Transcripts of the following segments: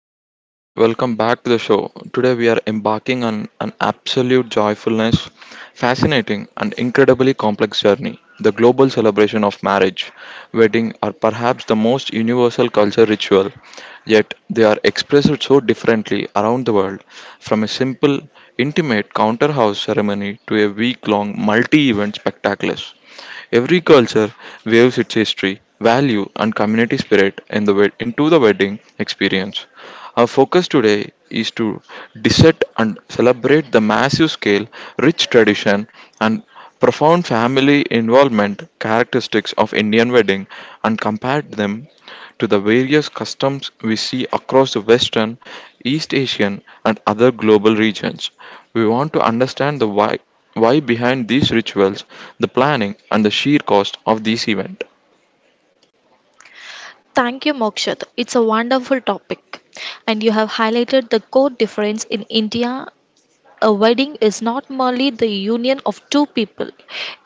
Hello everyone, welcome back to the show. Today we are embarking on an absolute joyfulness, fascinating, and incredibly complex journey the global celebration of marriage. Wedding are perhaps the most universal culture ritual, yet they are expressed so differently around the world from a simple, intimate counter house ceremony to a week long multi event spectacular. Every culture waves its history, value, and community spirit in the into the wedding experience. Our focus today is to dissect and celebrate the massive scale, rich tradition, and profound family involvement characteristics of Indian wedding and compare them to the various customs we see across the Western, East Asian, and other global regions. We want to understand the why behind these rituals, the planning, and the sheer cost of these events. Thank you, Mokshit. It's a wonderful topic, and you have highlighted the core difference in India a wedding is not merely the union of two people,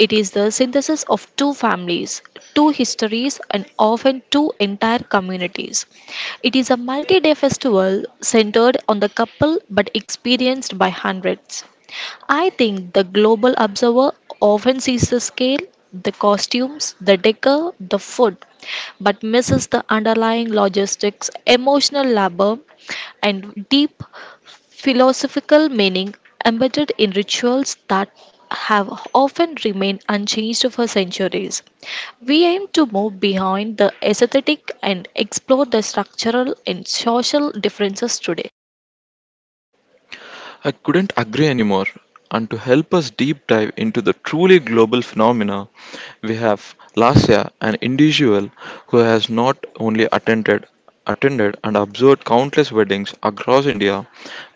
it is the synthesis of two families, two histories, and often two entire communities. It is a multi day festival centered on the couple but experienced by hundreds. I think the global observer often sees the scale, the costumes, the decor, the food, but misses the underlying logistics, emotional labor, and deep philosophical meaning embedded in rituals that have often remained unchanged for centuries. We aim to move beyond the aesthetic and explore the structural and social differences today. I couldn't agree anymore. And to help us deep dive into the truly global phenomena, we have Lasya, an individual who has not only attended and observed countless weddings across India,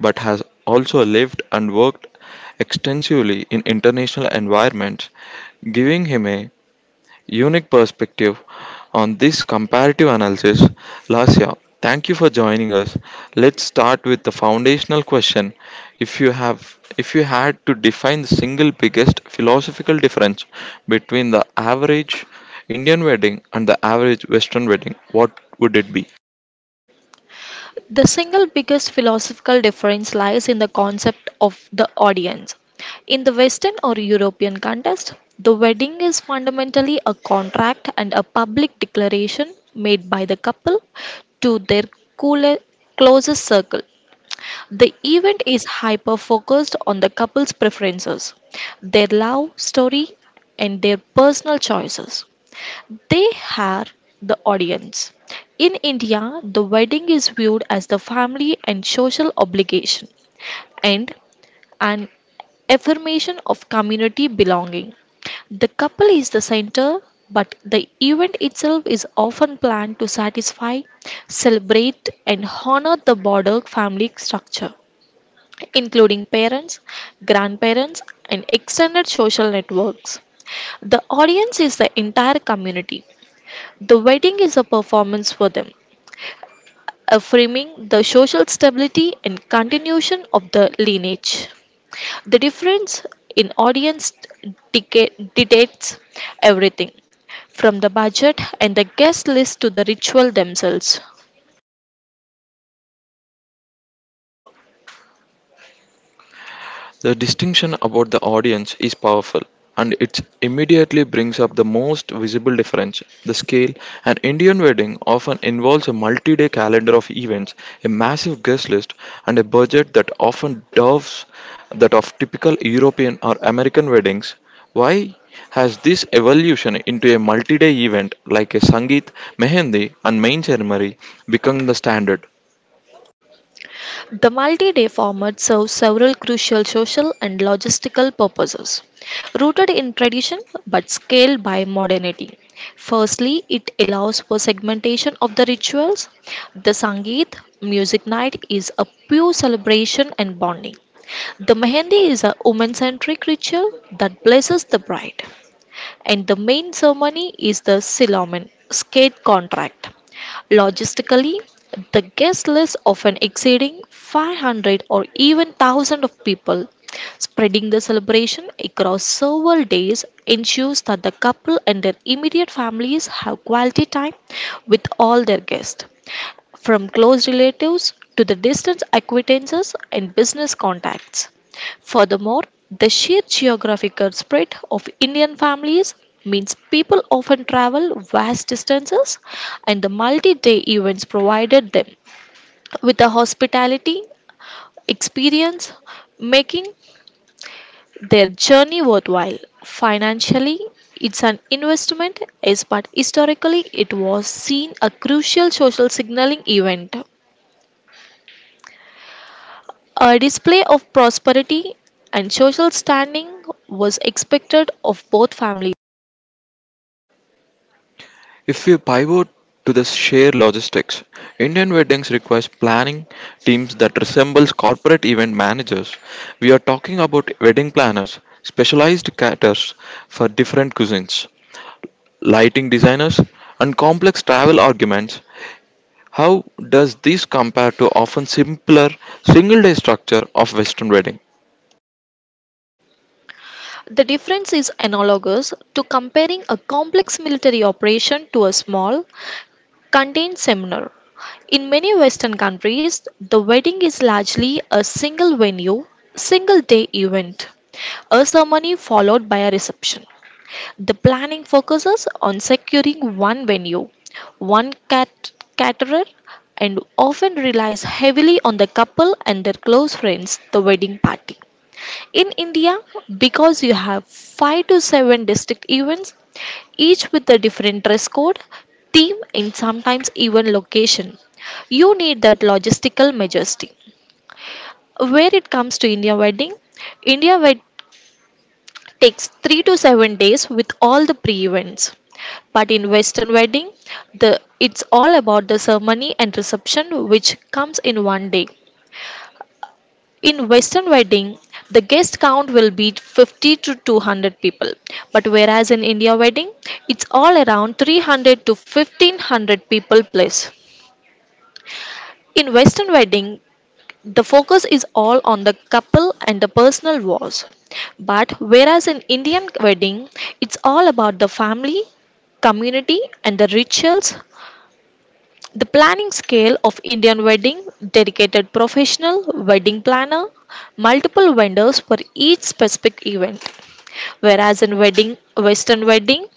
but has also lived and worked extensively in international environments, giving him a unique perspective on this comparative analysis. Lasya, thank you for joining us. Let's start with the foundational question. If you had to define the single biggest philosophical difference between the average Indian wedding and the average Western wedding, what would it be? The single biggest philosophical difference lies in the concept of the audience. In the Western or European context, the wedding is fundamentally a contract and a public declaration made by the couple to their coole- closest circle. The event is hyper focused on the couple's preferences, their love story, and their personal choices. They are the audience. In India, the wedding is viewed as the family and social obligation and an affirmation of community belonging. The couple is the center, but the event itself is often planned to satisfy, celebrate, and honor the broader family structure, including parents, grandparents, and extended social networks. The audience is the entire community, the wedding is a performance for them, affirming the social stability and continuation of the lineage. The difference in audience dictates everything, from the budget and the guest list to the ritual themselves. The distinction about the audience is powerful, and it immediately brings up the most visible difference the scale. An Indian wedding often involves a multi day calendar of events, a massive guest list, and a budget that often dwarfs that of typical European or American weddings. Why has this evolution into a multi day event like a Sangeet, Mehendi, and main ceremony become the standard? The multi day format serves several crucial social and logistical purposes, rooted in tradition but scaled by modernity. Firstly, it allows for segmentation of the rituals. The Sangeet music night is a pure celebration and bonding. The Mehendi is a woman centric ritual that blesses the bride and the main ceremony is the Siloam Skate Contract. Logistically, the guest list often exceeding 500 or even 1,000 of people. Spreading the celebration across several days ensures that the couple and their immediate families have quality time with all their guests from close relatives to the distant acquaintances and business contacts. Furthermore, the sheer geographical spread of Indian families means people often travel vast distances, and the multi day events provided them with a hospitality experience, making their journey worthwhile. Financially, it's an investment, yes, but historically, it was seen a crucial social signaling event. A display of prosperity and social standing was expected of both families. If we pivot to the sheer logistics, Indian weddings requires planning teams that resembles corporate event managers. We are talking about wedding planners, specialized caterers for different cuisines, lighting designers, and complex travel arguments. How does this compare to often simpler single-day structure of Western weddings? The difference is analogous to comparing a complex military operation to a small, contained seminar. In many Western countries, the wedding is largely a single venue, single day event, a ceremony followed by a reception. The planning focuses on securing one venue, one cat- caterer, and often relies heavily on the couple and their close friends, the wedding party. In India, because you have 5 to 7 district events, each with a different dress code, theme, and sometimes even location, you need that logistical majesty. Where it comes to India wedding, India wed- takes 3 to 7 days with all the pre-events. But in western wedding, the it's all about the ceremony and reception which comes in one day. In western wedding, the guest count will be 50 to 200 people. But whereas in India wedding, it's all around 300 to 1,500 people plus. In western wedding, the focus is all on the couple and the personal wars. But whereas in Indian wedding, it's all about the family, community, and the rituals. The planning scale of Indian wedding, dedicated professional wedding planner, multiple vendors for each specific event. Whereas in wedding, Western wedding,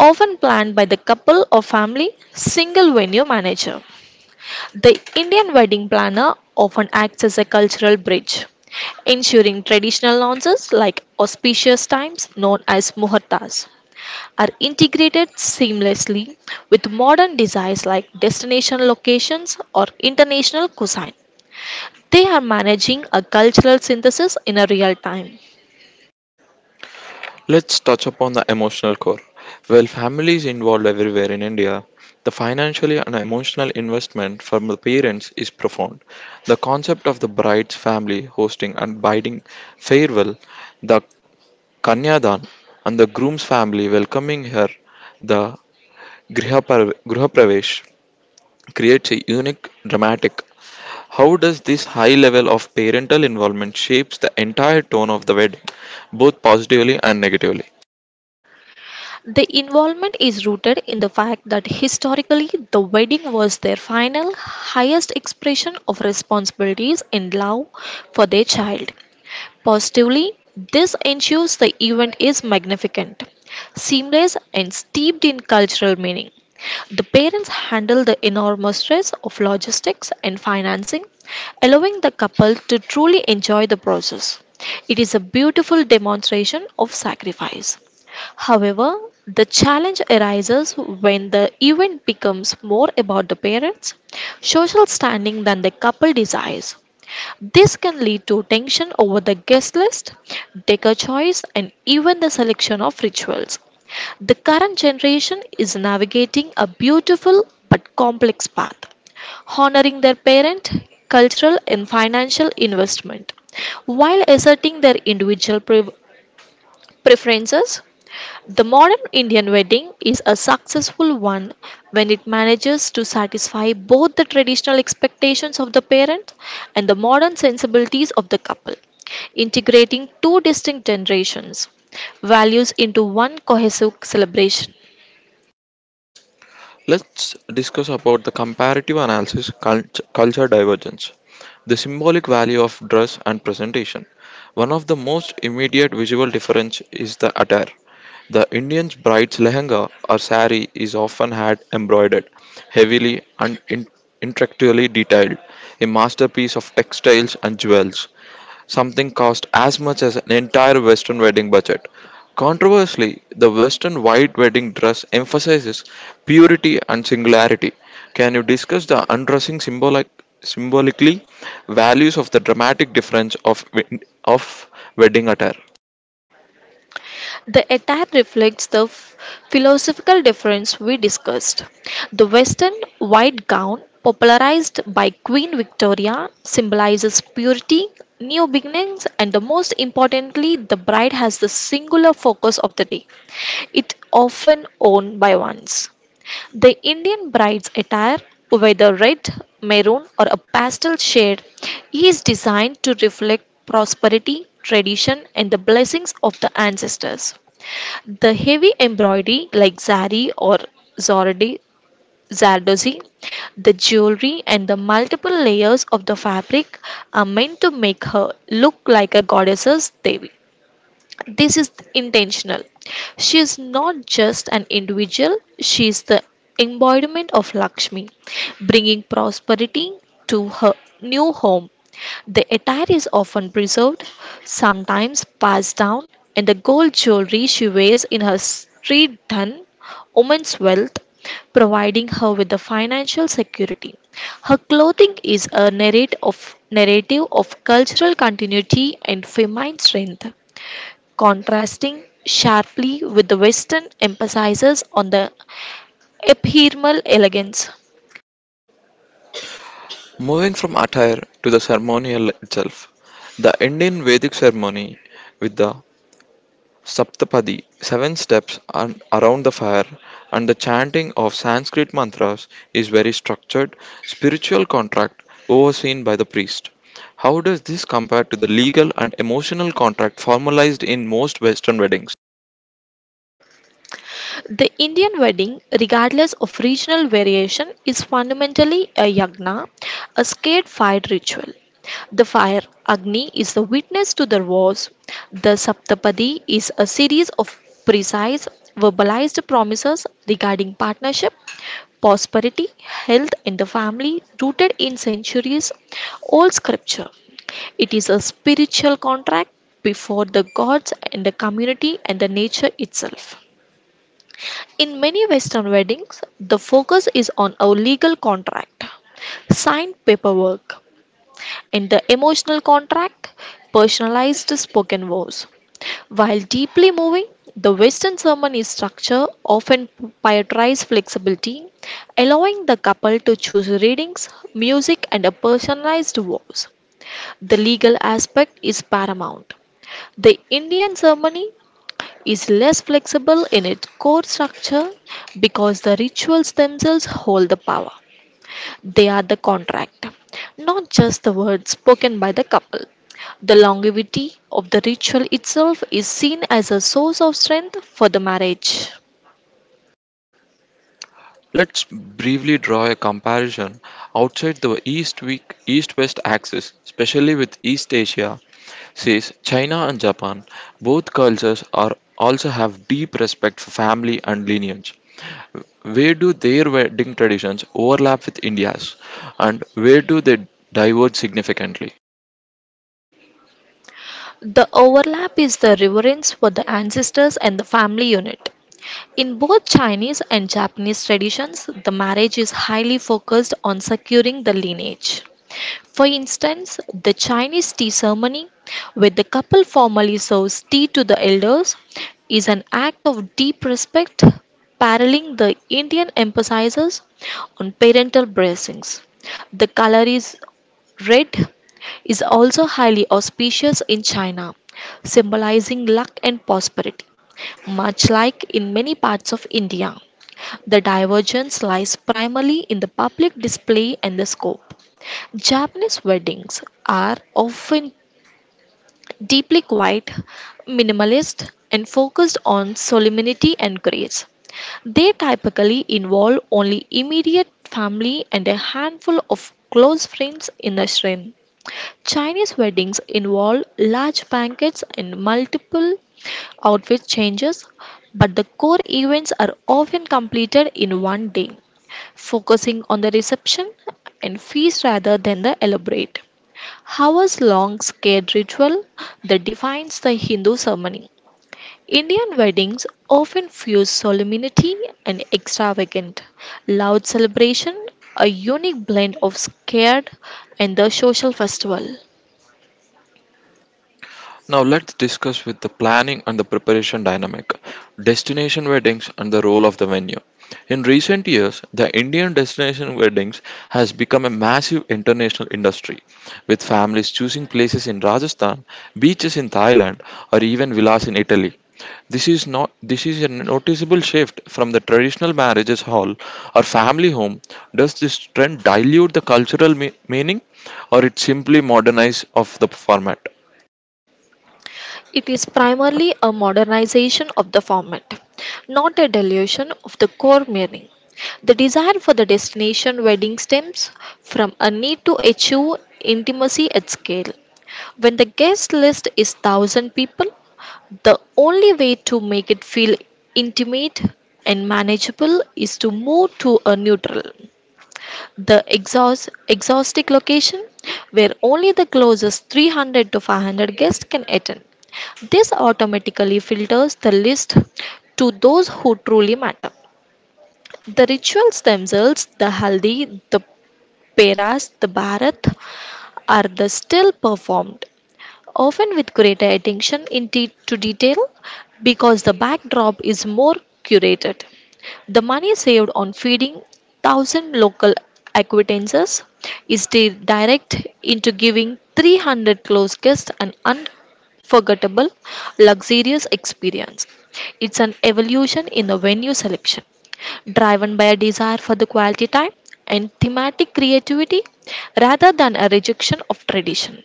often planned by the couple or family, single venue manager. The Indian wedding planner often acts as a cultural bridge, ensuring traditional nonsense like auspicious times known as muhurtas are integrated seamlessly with modern desires like destination locations or international cuisine. They are managing a cultural synthesis in a real time. Let's touch upon the emotional core. While family is involved everywhere in India, the financial and emotional investment from the parents is profound. The concept of the bride's family hosting and bidding farewell, the kanyadan, and the groom's family welcoming her, the Griha pravesh, creates a unique dramatic. How does this high level of parental involvement shapes the entire tone of the wedding, both positively and negatively? The involvement is rooted in the fact that historically the wedding was their final, highest expression of responsibilities and love for their child. Positively, this ensures the event is magnificent, seamless, and steeped in cultural meaning. The parents handle the enormous stress of logistics and financing, allowing the couple to truly enjoy the process. It is a beautiful demonstration of sacrifice. However, the challenge arises when the event becomes more about the parents' social standing than the couple desires. This can lead to tension over the guest list, decor choice, and even the selection of rituals. The current generation is navigating a beautiful but complex path, honoring their parent, cultural, and financial investment, while asserting their individual preferences. The modern Indian wedding is a successful one when it manages to satisfy both the traditional expectations of the parents and the modern sensibilities of the couple, integrating two distinct generations' values into one cohesive celebration. Let's discuss about the comparative analysis culture divergence. The symbolic value of dress and presentation. One of the most immediate visual difference is the attire. The Indian bride's lehenga or sari is often had embroidered, heavily and intricately detailed, a masterpiece of textiles and jewels. Something cost as much as an entire Western wedding budget. Controversially, the Western white wedding dress emphasizes purity and singularity. Can you discuss the undressing symbolically values of the dramatic difference of wedding attire? The attire reflects the philosophical difference we discussed. The Western white gown, popularized by Queen Victoria, symbolizes purity, new beginnings, and the most importantly, the bride has the singular focus of the day. It often worn by ones. The Indian bride's attire, whether red, maroon, or a pastel shade, is designed to reflect prosperity, tradition, and the blessings of the ancestors. The heavy embroidery like zari or zordi, zardozi, the jewelry and the multiple layers of the fabric are meant to make her look like a goddess's devi. This is intentional. She is not just an individual, she is the embodiment of Lakshmi, bringing prosperity to her new home. The attire is often preserved, sometimes passed down, and the gold jewelry she wears in her street done woman's wealth, providing her with the financial security. Her clothing is a narrative of cultural continuity and feminine strength contrasting sharply with the Western emphasis on the ephemeral elegance. Moving from attire to the ceremonial itself, the Indian Vedic ceremony with the Saptapadi, seven steps around the fire, and the chanting of Sanskrit mantras is very structured, spiritual contract overseen by the priest. How does this compare to the legal and emotional contract formalized in most Western weddings? The Indian wedding, regardless of regional variation, is fundamentally a yagna, a sacred fire ritual. The fire, Agni, is the witness to the vows. The Saptapadi is a series of precise, verbalized promises regarding partnership, prosperity, health, and the family rooted in centuries old scripture. It is a spiritual contract before the gods and the community and the nature itself. In many Western weddings, the focus is on a legal contract, signed paperwork, and the emotional contract, personalized spoken vows. While deeply moving, the Western ceremony structure often prioritizes flexibility, allowing the couple to choose readings, music, and a personalized vows. The legal aspect is paramount. The Indian ceremony is less flexible in its core structure because the rituals themselves hold the power. They are the contract, not just the words spoken by the couple. The longevity of the ritual itself is seen as a source of strength for the marriage. Let's briefly draw a comparison outside the East-West axis, especially with East Asia, says China and Japan. Both cultures are also have deep respect for family and lineage. Where do their wedding traditions overlap with India's, and where do they diverge significantly? The overlap is the reverence for the ancestors and the family unit. In both Chinese and Japanese traditions, the marriage is highly focused on securing the lineage. For instance, the Chinese tea ceremony, where the couple formally serves tea to the elders, is an act of deep respect, paralleling the Indian emphasis on parental blessings. The color is red, is also highly auspicious in China, symbolizing luck and prosperity, much like in many parts of India. The divergence lies primarily in the public display and the scope. Japanese weddings are often deeply quiet, minimalist, and focused on solemnity and grace. They typically involve only immediate family and a handful of close friends in the shrine. Chinese weddings involve large banquets and multiple outfit changes, but the core events are often completed in one day, focusing on the reception and feast rather than the elaborate hours long sacred ritual that defines the Hindu ceremony. Indian weddings often fuse solemnity and extravagant, loud celebration, a unique blend of scared and the social festival. Now let's discuss with the planning and the preparation dynamic, destination weddings and the role of the venue. In recent years, the Indian destination weddings has become a massive international industry, with families choosing places in Rajasthan, beaches in Thailand, or even villas in Italy. This is not this is a noticeable shift from the traditional marriages hall or family home. Does this trend dilute the cultural meaning or it simply modernize of the format? It is primarily a modernization of the format, not a dilution of the core meaning. The desire for the destination wedding stems from a need to achieve intimacy at scale. When the guest list is 1,000 people, the only way to make it feel intimate and manageable is to move to a neutral. The exhaustic location, where only the closest 300 to 500 guests can attend. This automatically filters the list to those who truly matter. The rituals themselves, the haldi, the peras, the bharat, are the still performed often with greater attention to detail because the backdrop is more curated. The money saved on feeding 1,000 local acquaintances is direct into giving 300 close guests an unforgettable, luxurious experience. It's an evolution in the venue selection, driven by a desire for the quality time and thematic creativity rather than a rejection of tradition.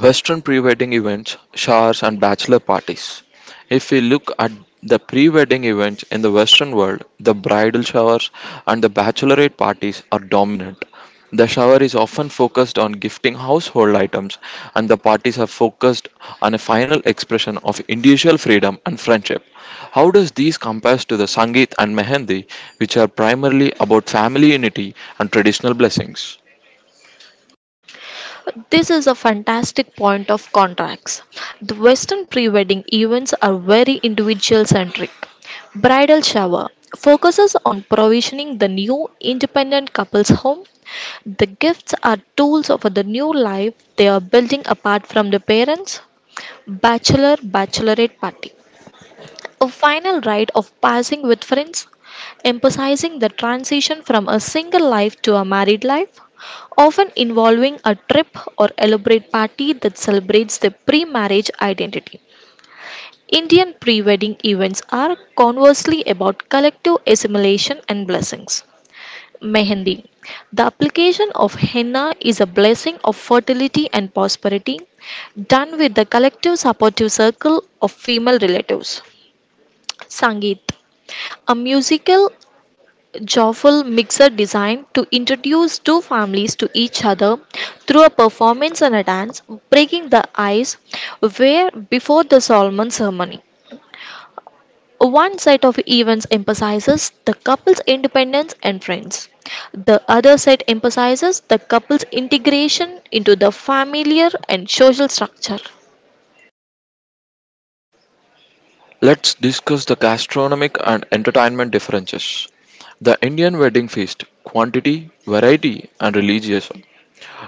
Western pre wedding events, showers, and bachelor parties. If we look at the pre wedding events in the Western world, the bridal showers and the bachelorette parties are dominant. The shower is often focused on gifting household items, and the parties are focused on a final expression of individual freedom and friendship. How does these compare to the Sangeet and Mehendi, which are primarily about family unity and traditional blessings? This is a fantastic point of contracts. The Western pre wedding events are very individual centric. Bridal shower focuses on provisioning the new independent couple's home. The gifts are tools of the new life they are building apart from the parents. Bachelorette party, a final rite of passing with friends, emphasizing the transition from a single life to a married life, often involving a trip or elaborate party that celebrates the pre marriage identity. Indian pre wedding events are conversely about collective assimilation and blessings. Mehendi. The application of henna is a blessing of fertility and prosperity, done with the collective supportive circle of female relatives. Sangeet, a musical, joyful mixer designed to introduce two families to each other through a performance and a dance, breaking the ice where before the Solomon ceremony. One set of events emphasizes the couple's independence and friends. The other set emphasizes the couple's integration into the familiar and social structure. Let's discuss the gastronomic and entertainment differences. The Indian wedding feast, quantity, variety, and religious.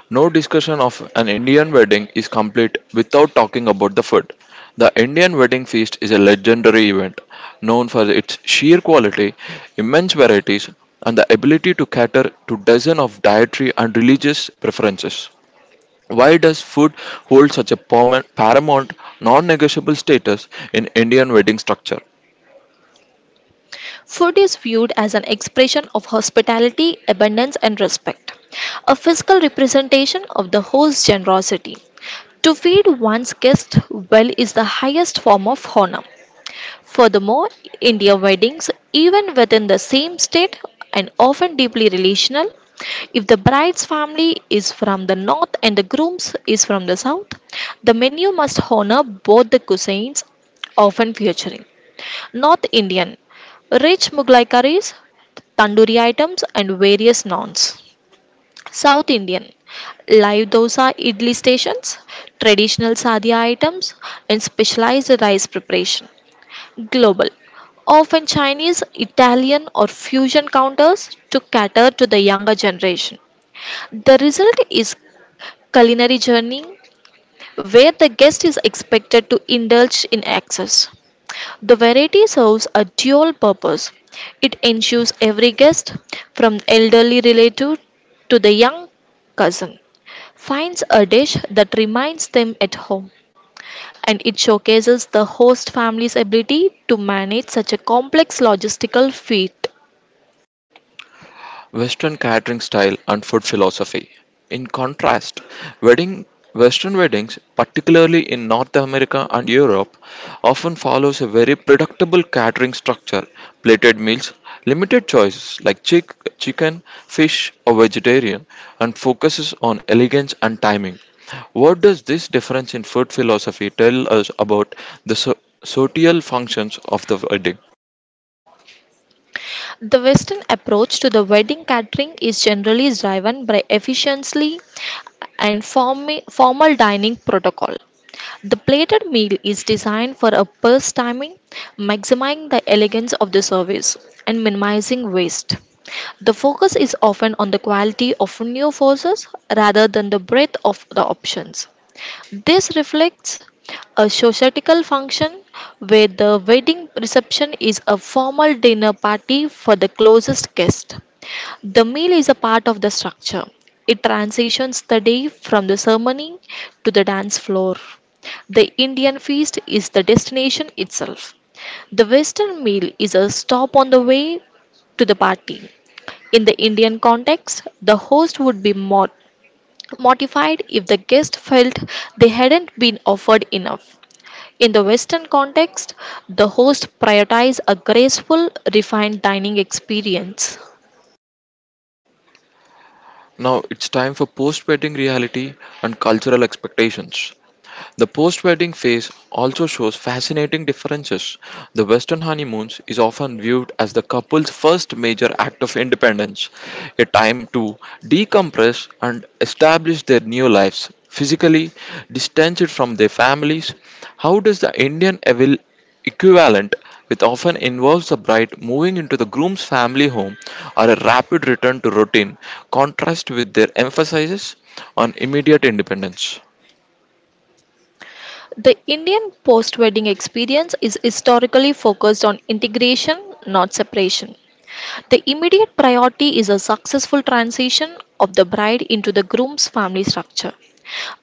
No discussion of an Indian wedding is complete without talking about the food. The Indian wedding feast is a legendary event known for its sheer quality, immense varieties, and the ability to cater to dozens of dietary and religious preferences. Why does food hold such a paramount, non negotiable status in Indian wedding structure? Food is viewed as an expression of hospitality, abundance, and respect, a physical representation of the host's generosity. To feed one's guest well is the highest form of honor. Furthermore, India weddings, even within the same state and often deeply relational, if the bride's family is from the north and the groom's is from the south, the menu must honor both the cuisines, often featuring North Indian rich Mughlai curries, tandoori items, and various naans. South Indian live dosa idli stations, traditional sadhya items, and specialized rice preparation. Global, often Chinese, Italian, or fusion counters to cater to the younger generation. The result is culinary journey where the guest is expected to indulge in excess. The variety serves a dual purpose. It ensures every guest, from the elderly relative to the young cousin, finds a dish that reminds them at home. And it showcases the host family's ability to manage such a complex logistical feat. Western catering style and food philosophy. In contrast, wedding Western weddings, particularly in North America and Europe, often follows a very predictable catering structure: plated meals, limited choices like chicken, fish, or vegetarian, and focuses on elegance and timing. What does this difference in food philosophy tell us about the social functions of the wedding? The Western approach to the wedding catering is generally driven by efficiency and formal dining protocol. The plated meal is designed for a burst timing, maximizing the elegance of the service and minimizing waste. The focus is often on the quality of new forces rather than the breadth of the options. This reflects a societal function where the wedding reception is a formal dinner party for the closest guest. The meal is a part of the structure. It transitions the day from the ceremony to the dance floor. The Indian feast is the destination itself. The Western meal is a stop on the way to the party. In the Indian context, the host would be more mortified if the guest felt they hadn't been offered enough. In the Western context, the host prioritizes a graceful, refined dining experience. Now it's time for post wedding reality and cultural expectations. The post wedding phase also shows fascinating differences. The Western honeymoons is often viewed as the couple's first major act of independence, a time to decompress and establish their new lives, physically distanced from their families. How does the Indian evil equivalent, which often involves the bride moving into the groom's family home or a rapid return to routine, contrast with their emphasis on immediate independence? The Indian post wedding experience is historically focused on integration, not separation. The immediate priority is a successful transition of the bride into the groom's family structure.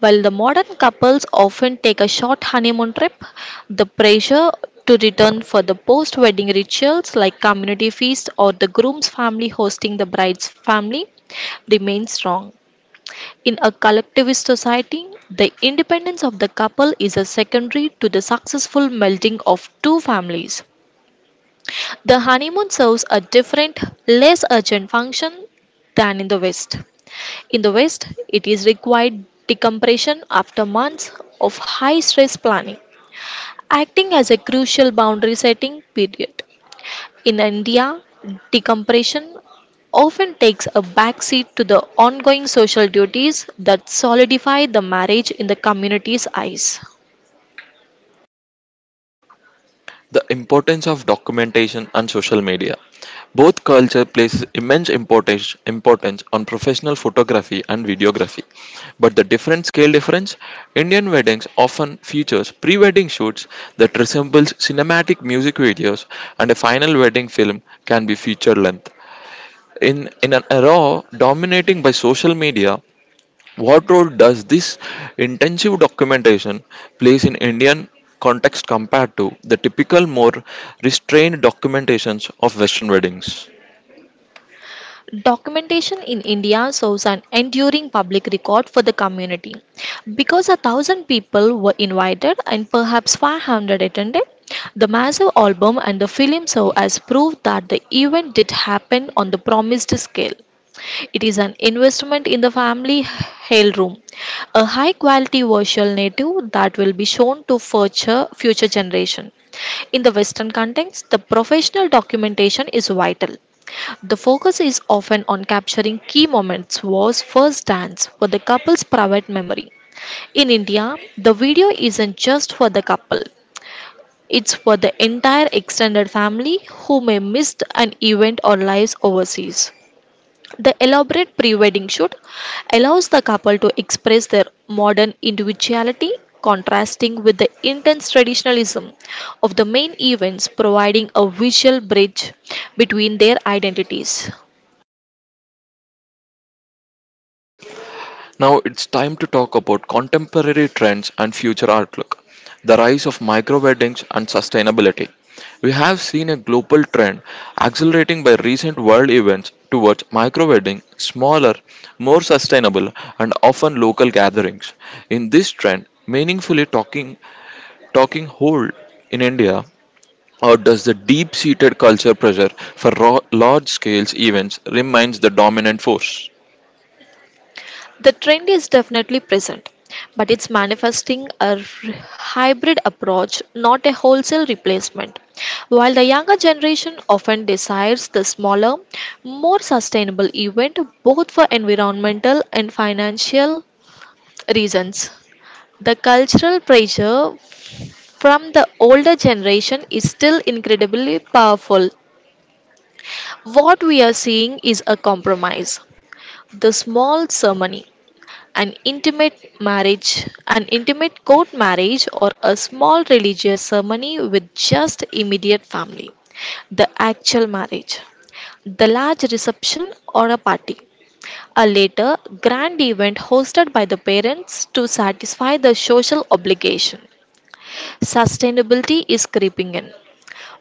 While the modern couples often take a short honeymoon trip, the pressure to return for the post wedding rituals like community feast or the groom's family hosting the bride's family remains strong. In a collectivist society, the independence of the couple is a secondary to the successful melting of two families. The honeymoon serves a different, less urgent function than in the West. In the West, it is required decompression after months of high stress planning, acting as a crucial boundary setting period. In India, decompression often takes a backseat to the ongoing social duties that solidify the marriage in the community's eyes. The importance of documentation and social media. Both culture places importance on professional photography and videography. But the different scale difference, Indian weddings often features pre-wedding shoots that resembles cinematic music videos and a final wedding film can be feature length. In in an era dominating by social media, what role does this intensive documentation plays in Indian context compared to the typical more restrained documentations of Western weddings? Documentation in India shows an enduring public record for the community. Because a thousand people were invited and perhaps 500 attended, the massive album and the film show as proof that the event did happen on the promised scale. It is an investment in the family heirloom, a high quality virtual native that will be shown to future generation. In the Western context, the professional documentation is vital. The focus is often on capturing key moments was first dance for the couple's private memory. In India, the video isn't just for the couple. It's for the entire extended family who may missed an event or lives overseas. The elaborate pre wedding shoot allows the couple to express their modern individuality, contrasting with the intense traditionalism of the main events, providing a visual bridge between their identities. Now it's time to talk about contemporary trends and future outlook, the rise of micro weddings and sustainability. We have seen a global trend accelerating by recent world events towards micro wedding, smaller, more sustainable, and often local gatherings. In this trend, meaningfully talking hold in India, or does the deep seated culture pressure for raw, large scale events remains the dominant force? The trend is definitely present, but it's manifesting a r- hybrid approach, not a wholesale replacement. While the younger generation often desires the smaller, more sustainable event, both for environmental and financial reasons. The cultural pressure from the older generation is still incredibly powerful. What we are seeing is a compromise. The small ceremony, an intimate marriage, an intimate court marriage, or a small religious ceremony with just immediate family. The actual marriage, the large reception or a party, a later grand event hosted by the parents to satisfy the social obligation. Sustainability is creeping in,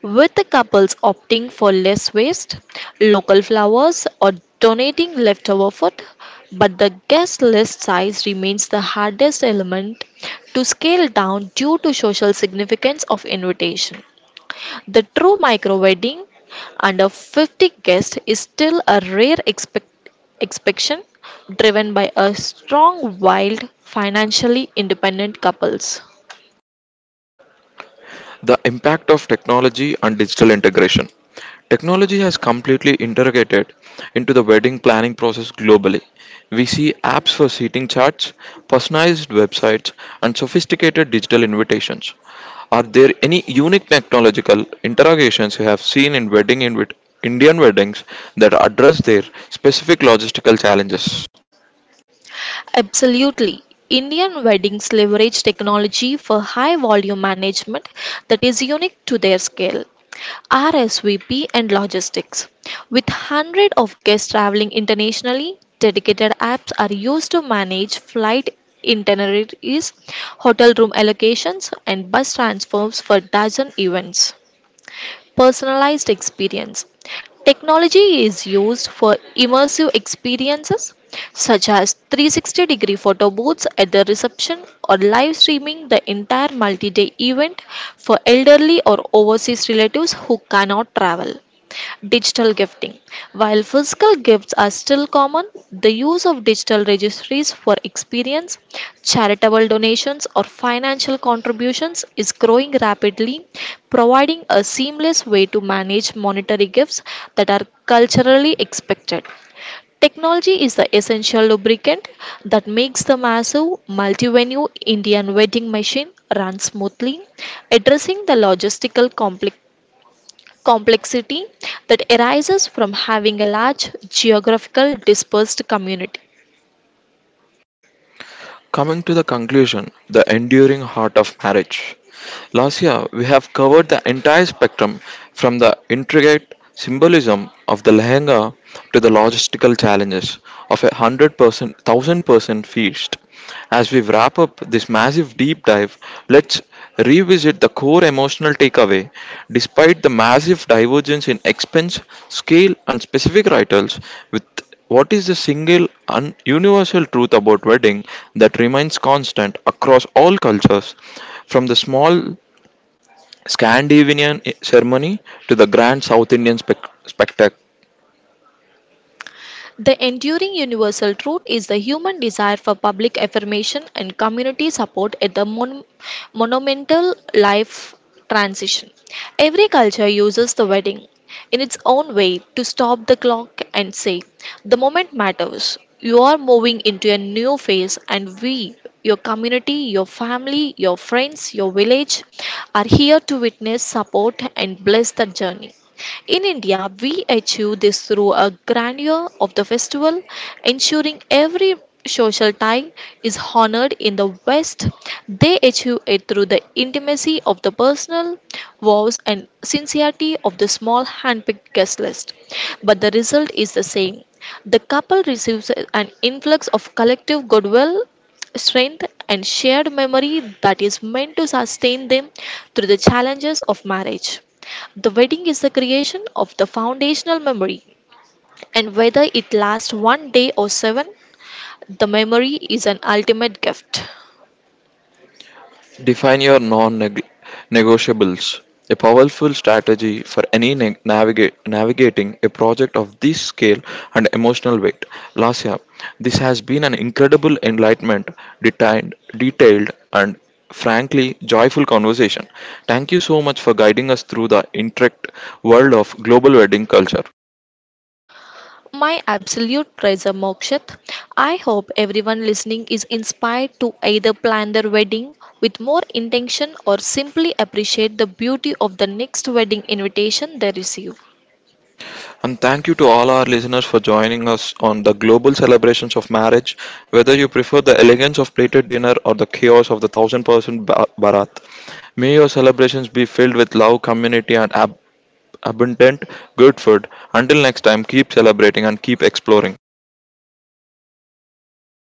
with the couples opting for less waste, local flowers, or donating leftover food. But the guest list size remains the hardest element to scale down due to social significance of invitation. The true micro wedding under 50 guests is still a rare expectation driven by a strong, wild, financially independent couples. The impact of technology and digital integration. Technology has completely interrogated into the wedding planning process globally. We see apps for seating charts, personalized websites, and sophisticated digital invitations. Are there any unique technological interrogations you have seen in Indian weddings that address their specific logistical challenges? Absolutely. Indian weddings leverage technology for high volume management that is unique to their scale. RSVP and logistics. With hundreds of guests traveling internationally, dedicated apps are used to manage flight itineraries, hotel room allocations, and bus transfers for dozen events personalized experience. Technology is used for immersive experiences such as 360 degree photo booths at the reception or live streaming the entire multi day event for elderly or overseas relatives who cannot travel digital gifting. While physical gifts are still common, the use of digital registries for experience, charitable donations, or financial contributions is growing rapidly, providing a seamless way to manage monetary gifts that are culturally expected. Technology is the essential lubricant that makes the massive multi-venue Indian wedding machine run smoothly, addressing the logistical complexity that arises from having a large geographical dispersed community. Coming to the conclusion, the enduring heart of marriage. Last year, we have covered the entire spectrum from the intricate symbolism of the lehenga to the logistical challenges of 100%, 1,000% feast. As we wrap up this massive deep dive, let's revisit the core emotional takeaway. Despite the massive divergence in expense, scale, and specific rituals, with what is the single universal truth about wedding that remains constant across all cultures, from the small Scandinavian ceremony to the grand South Indian spectac- The enduring universal truth is the human desire for public affirmation and community support at the monumental life transition. Every culture uses the wedding in its own way to stop the clock and say, the moment matters. You are moving into a new phase, and we, your community, your family, your friends, your village, are here to witness, support, and bless the journey. In India, we achieve this through a grandeur of the festival, ensuring every social tie is honored in the West. They achieve it through the intimacy of the personal vows and sincerity of the small handpicked guest list. But the result is the same. The couple receives an influx of collective goodwill strength, and shared memory that is meant to sustain them through the challenges of marriage. The wedding is the creation of the foundational memory, and whether it lasts one day or seven, the memory is an ultimate gift. Define your non negotiables. A powerful strategy for any navigating a project of this scale and emotional weight. Lasya, this has been an incredible enlightenment, detailed, and frankly joyful conversation. Thank you so much for guiding us through the intricate world of global wedding culture. My absolute treasure, Mokshat. I hope everyone listening is inspired to either plan their wedding with more intention or simply appreciate the beauty of the next wedding invitation they receive. And thank you to all our listeners for joining us on the global celebrations of marriage, whether you prefer the elegance of plated dinner or the chaos of the thousand person barat. May your celebrations be filled with love, community, and abundant good food. Until next time, keep celebrating and keep exploring.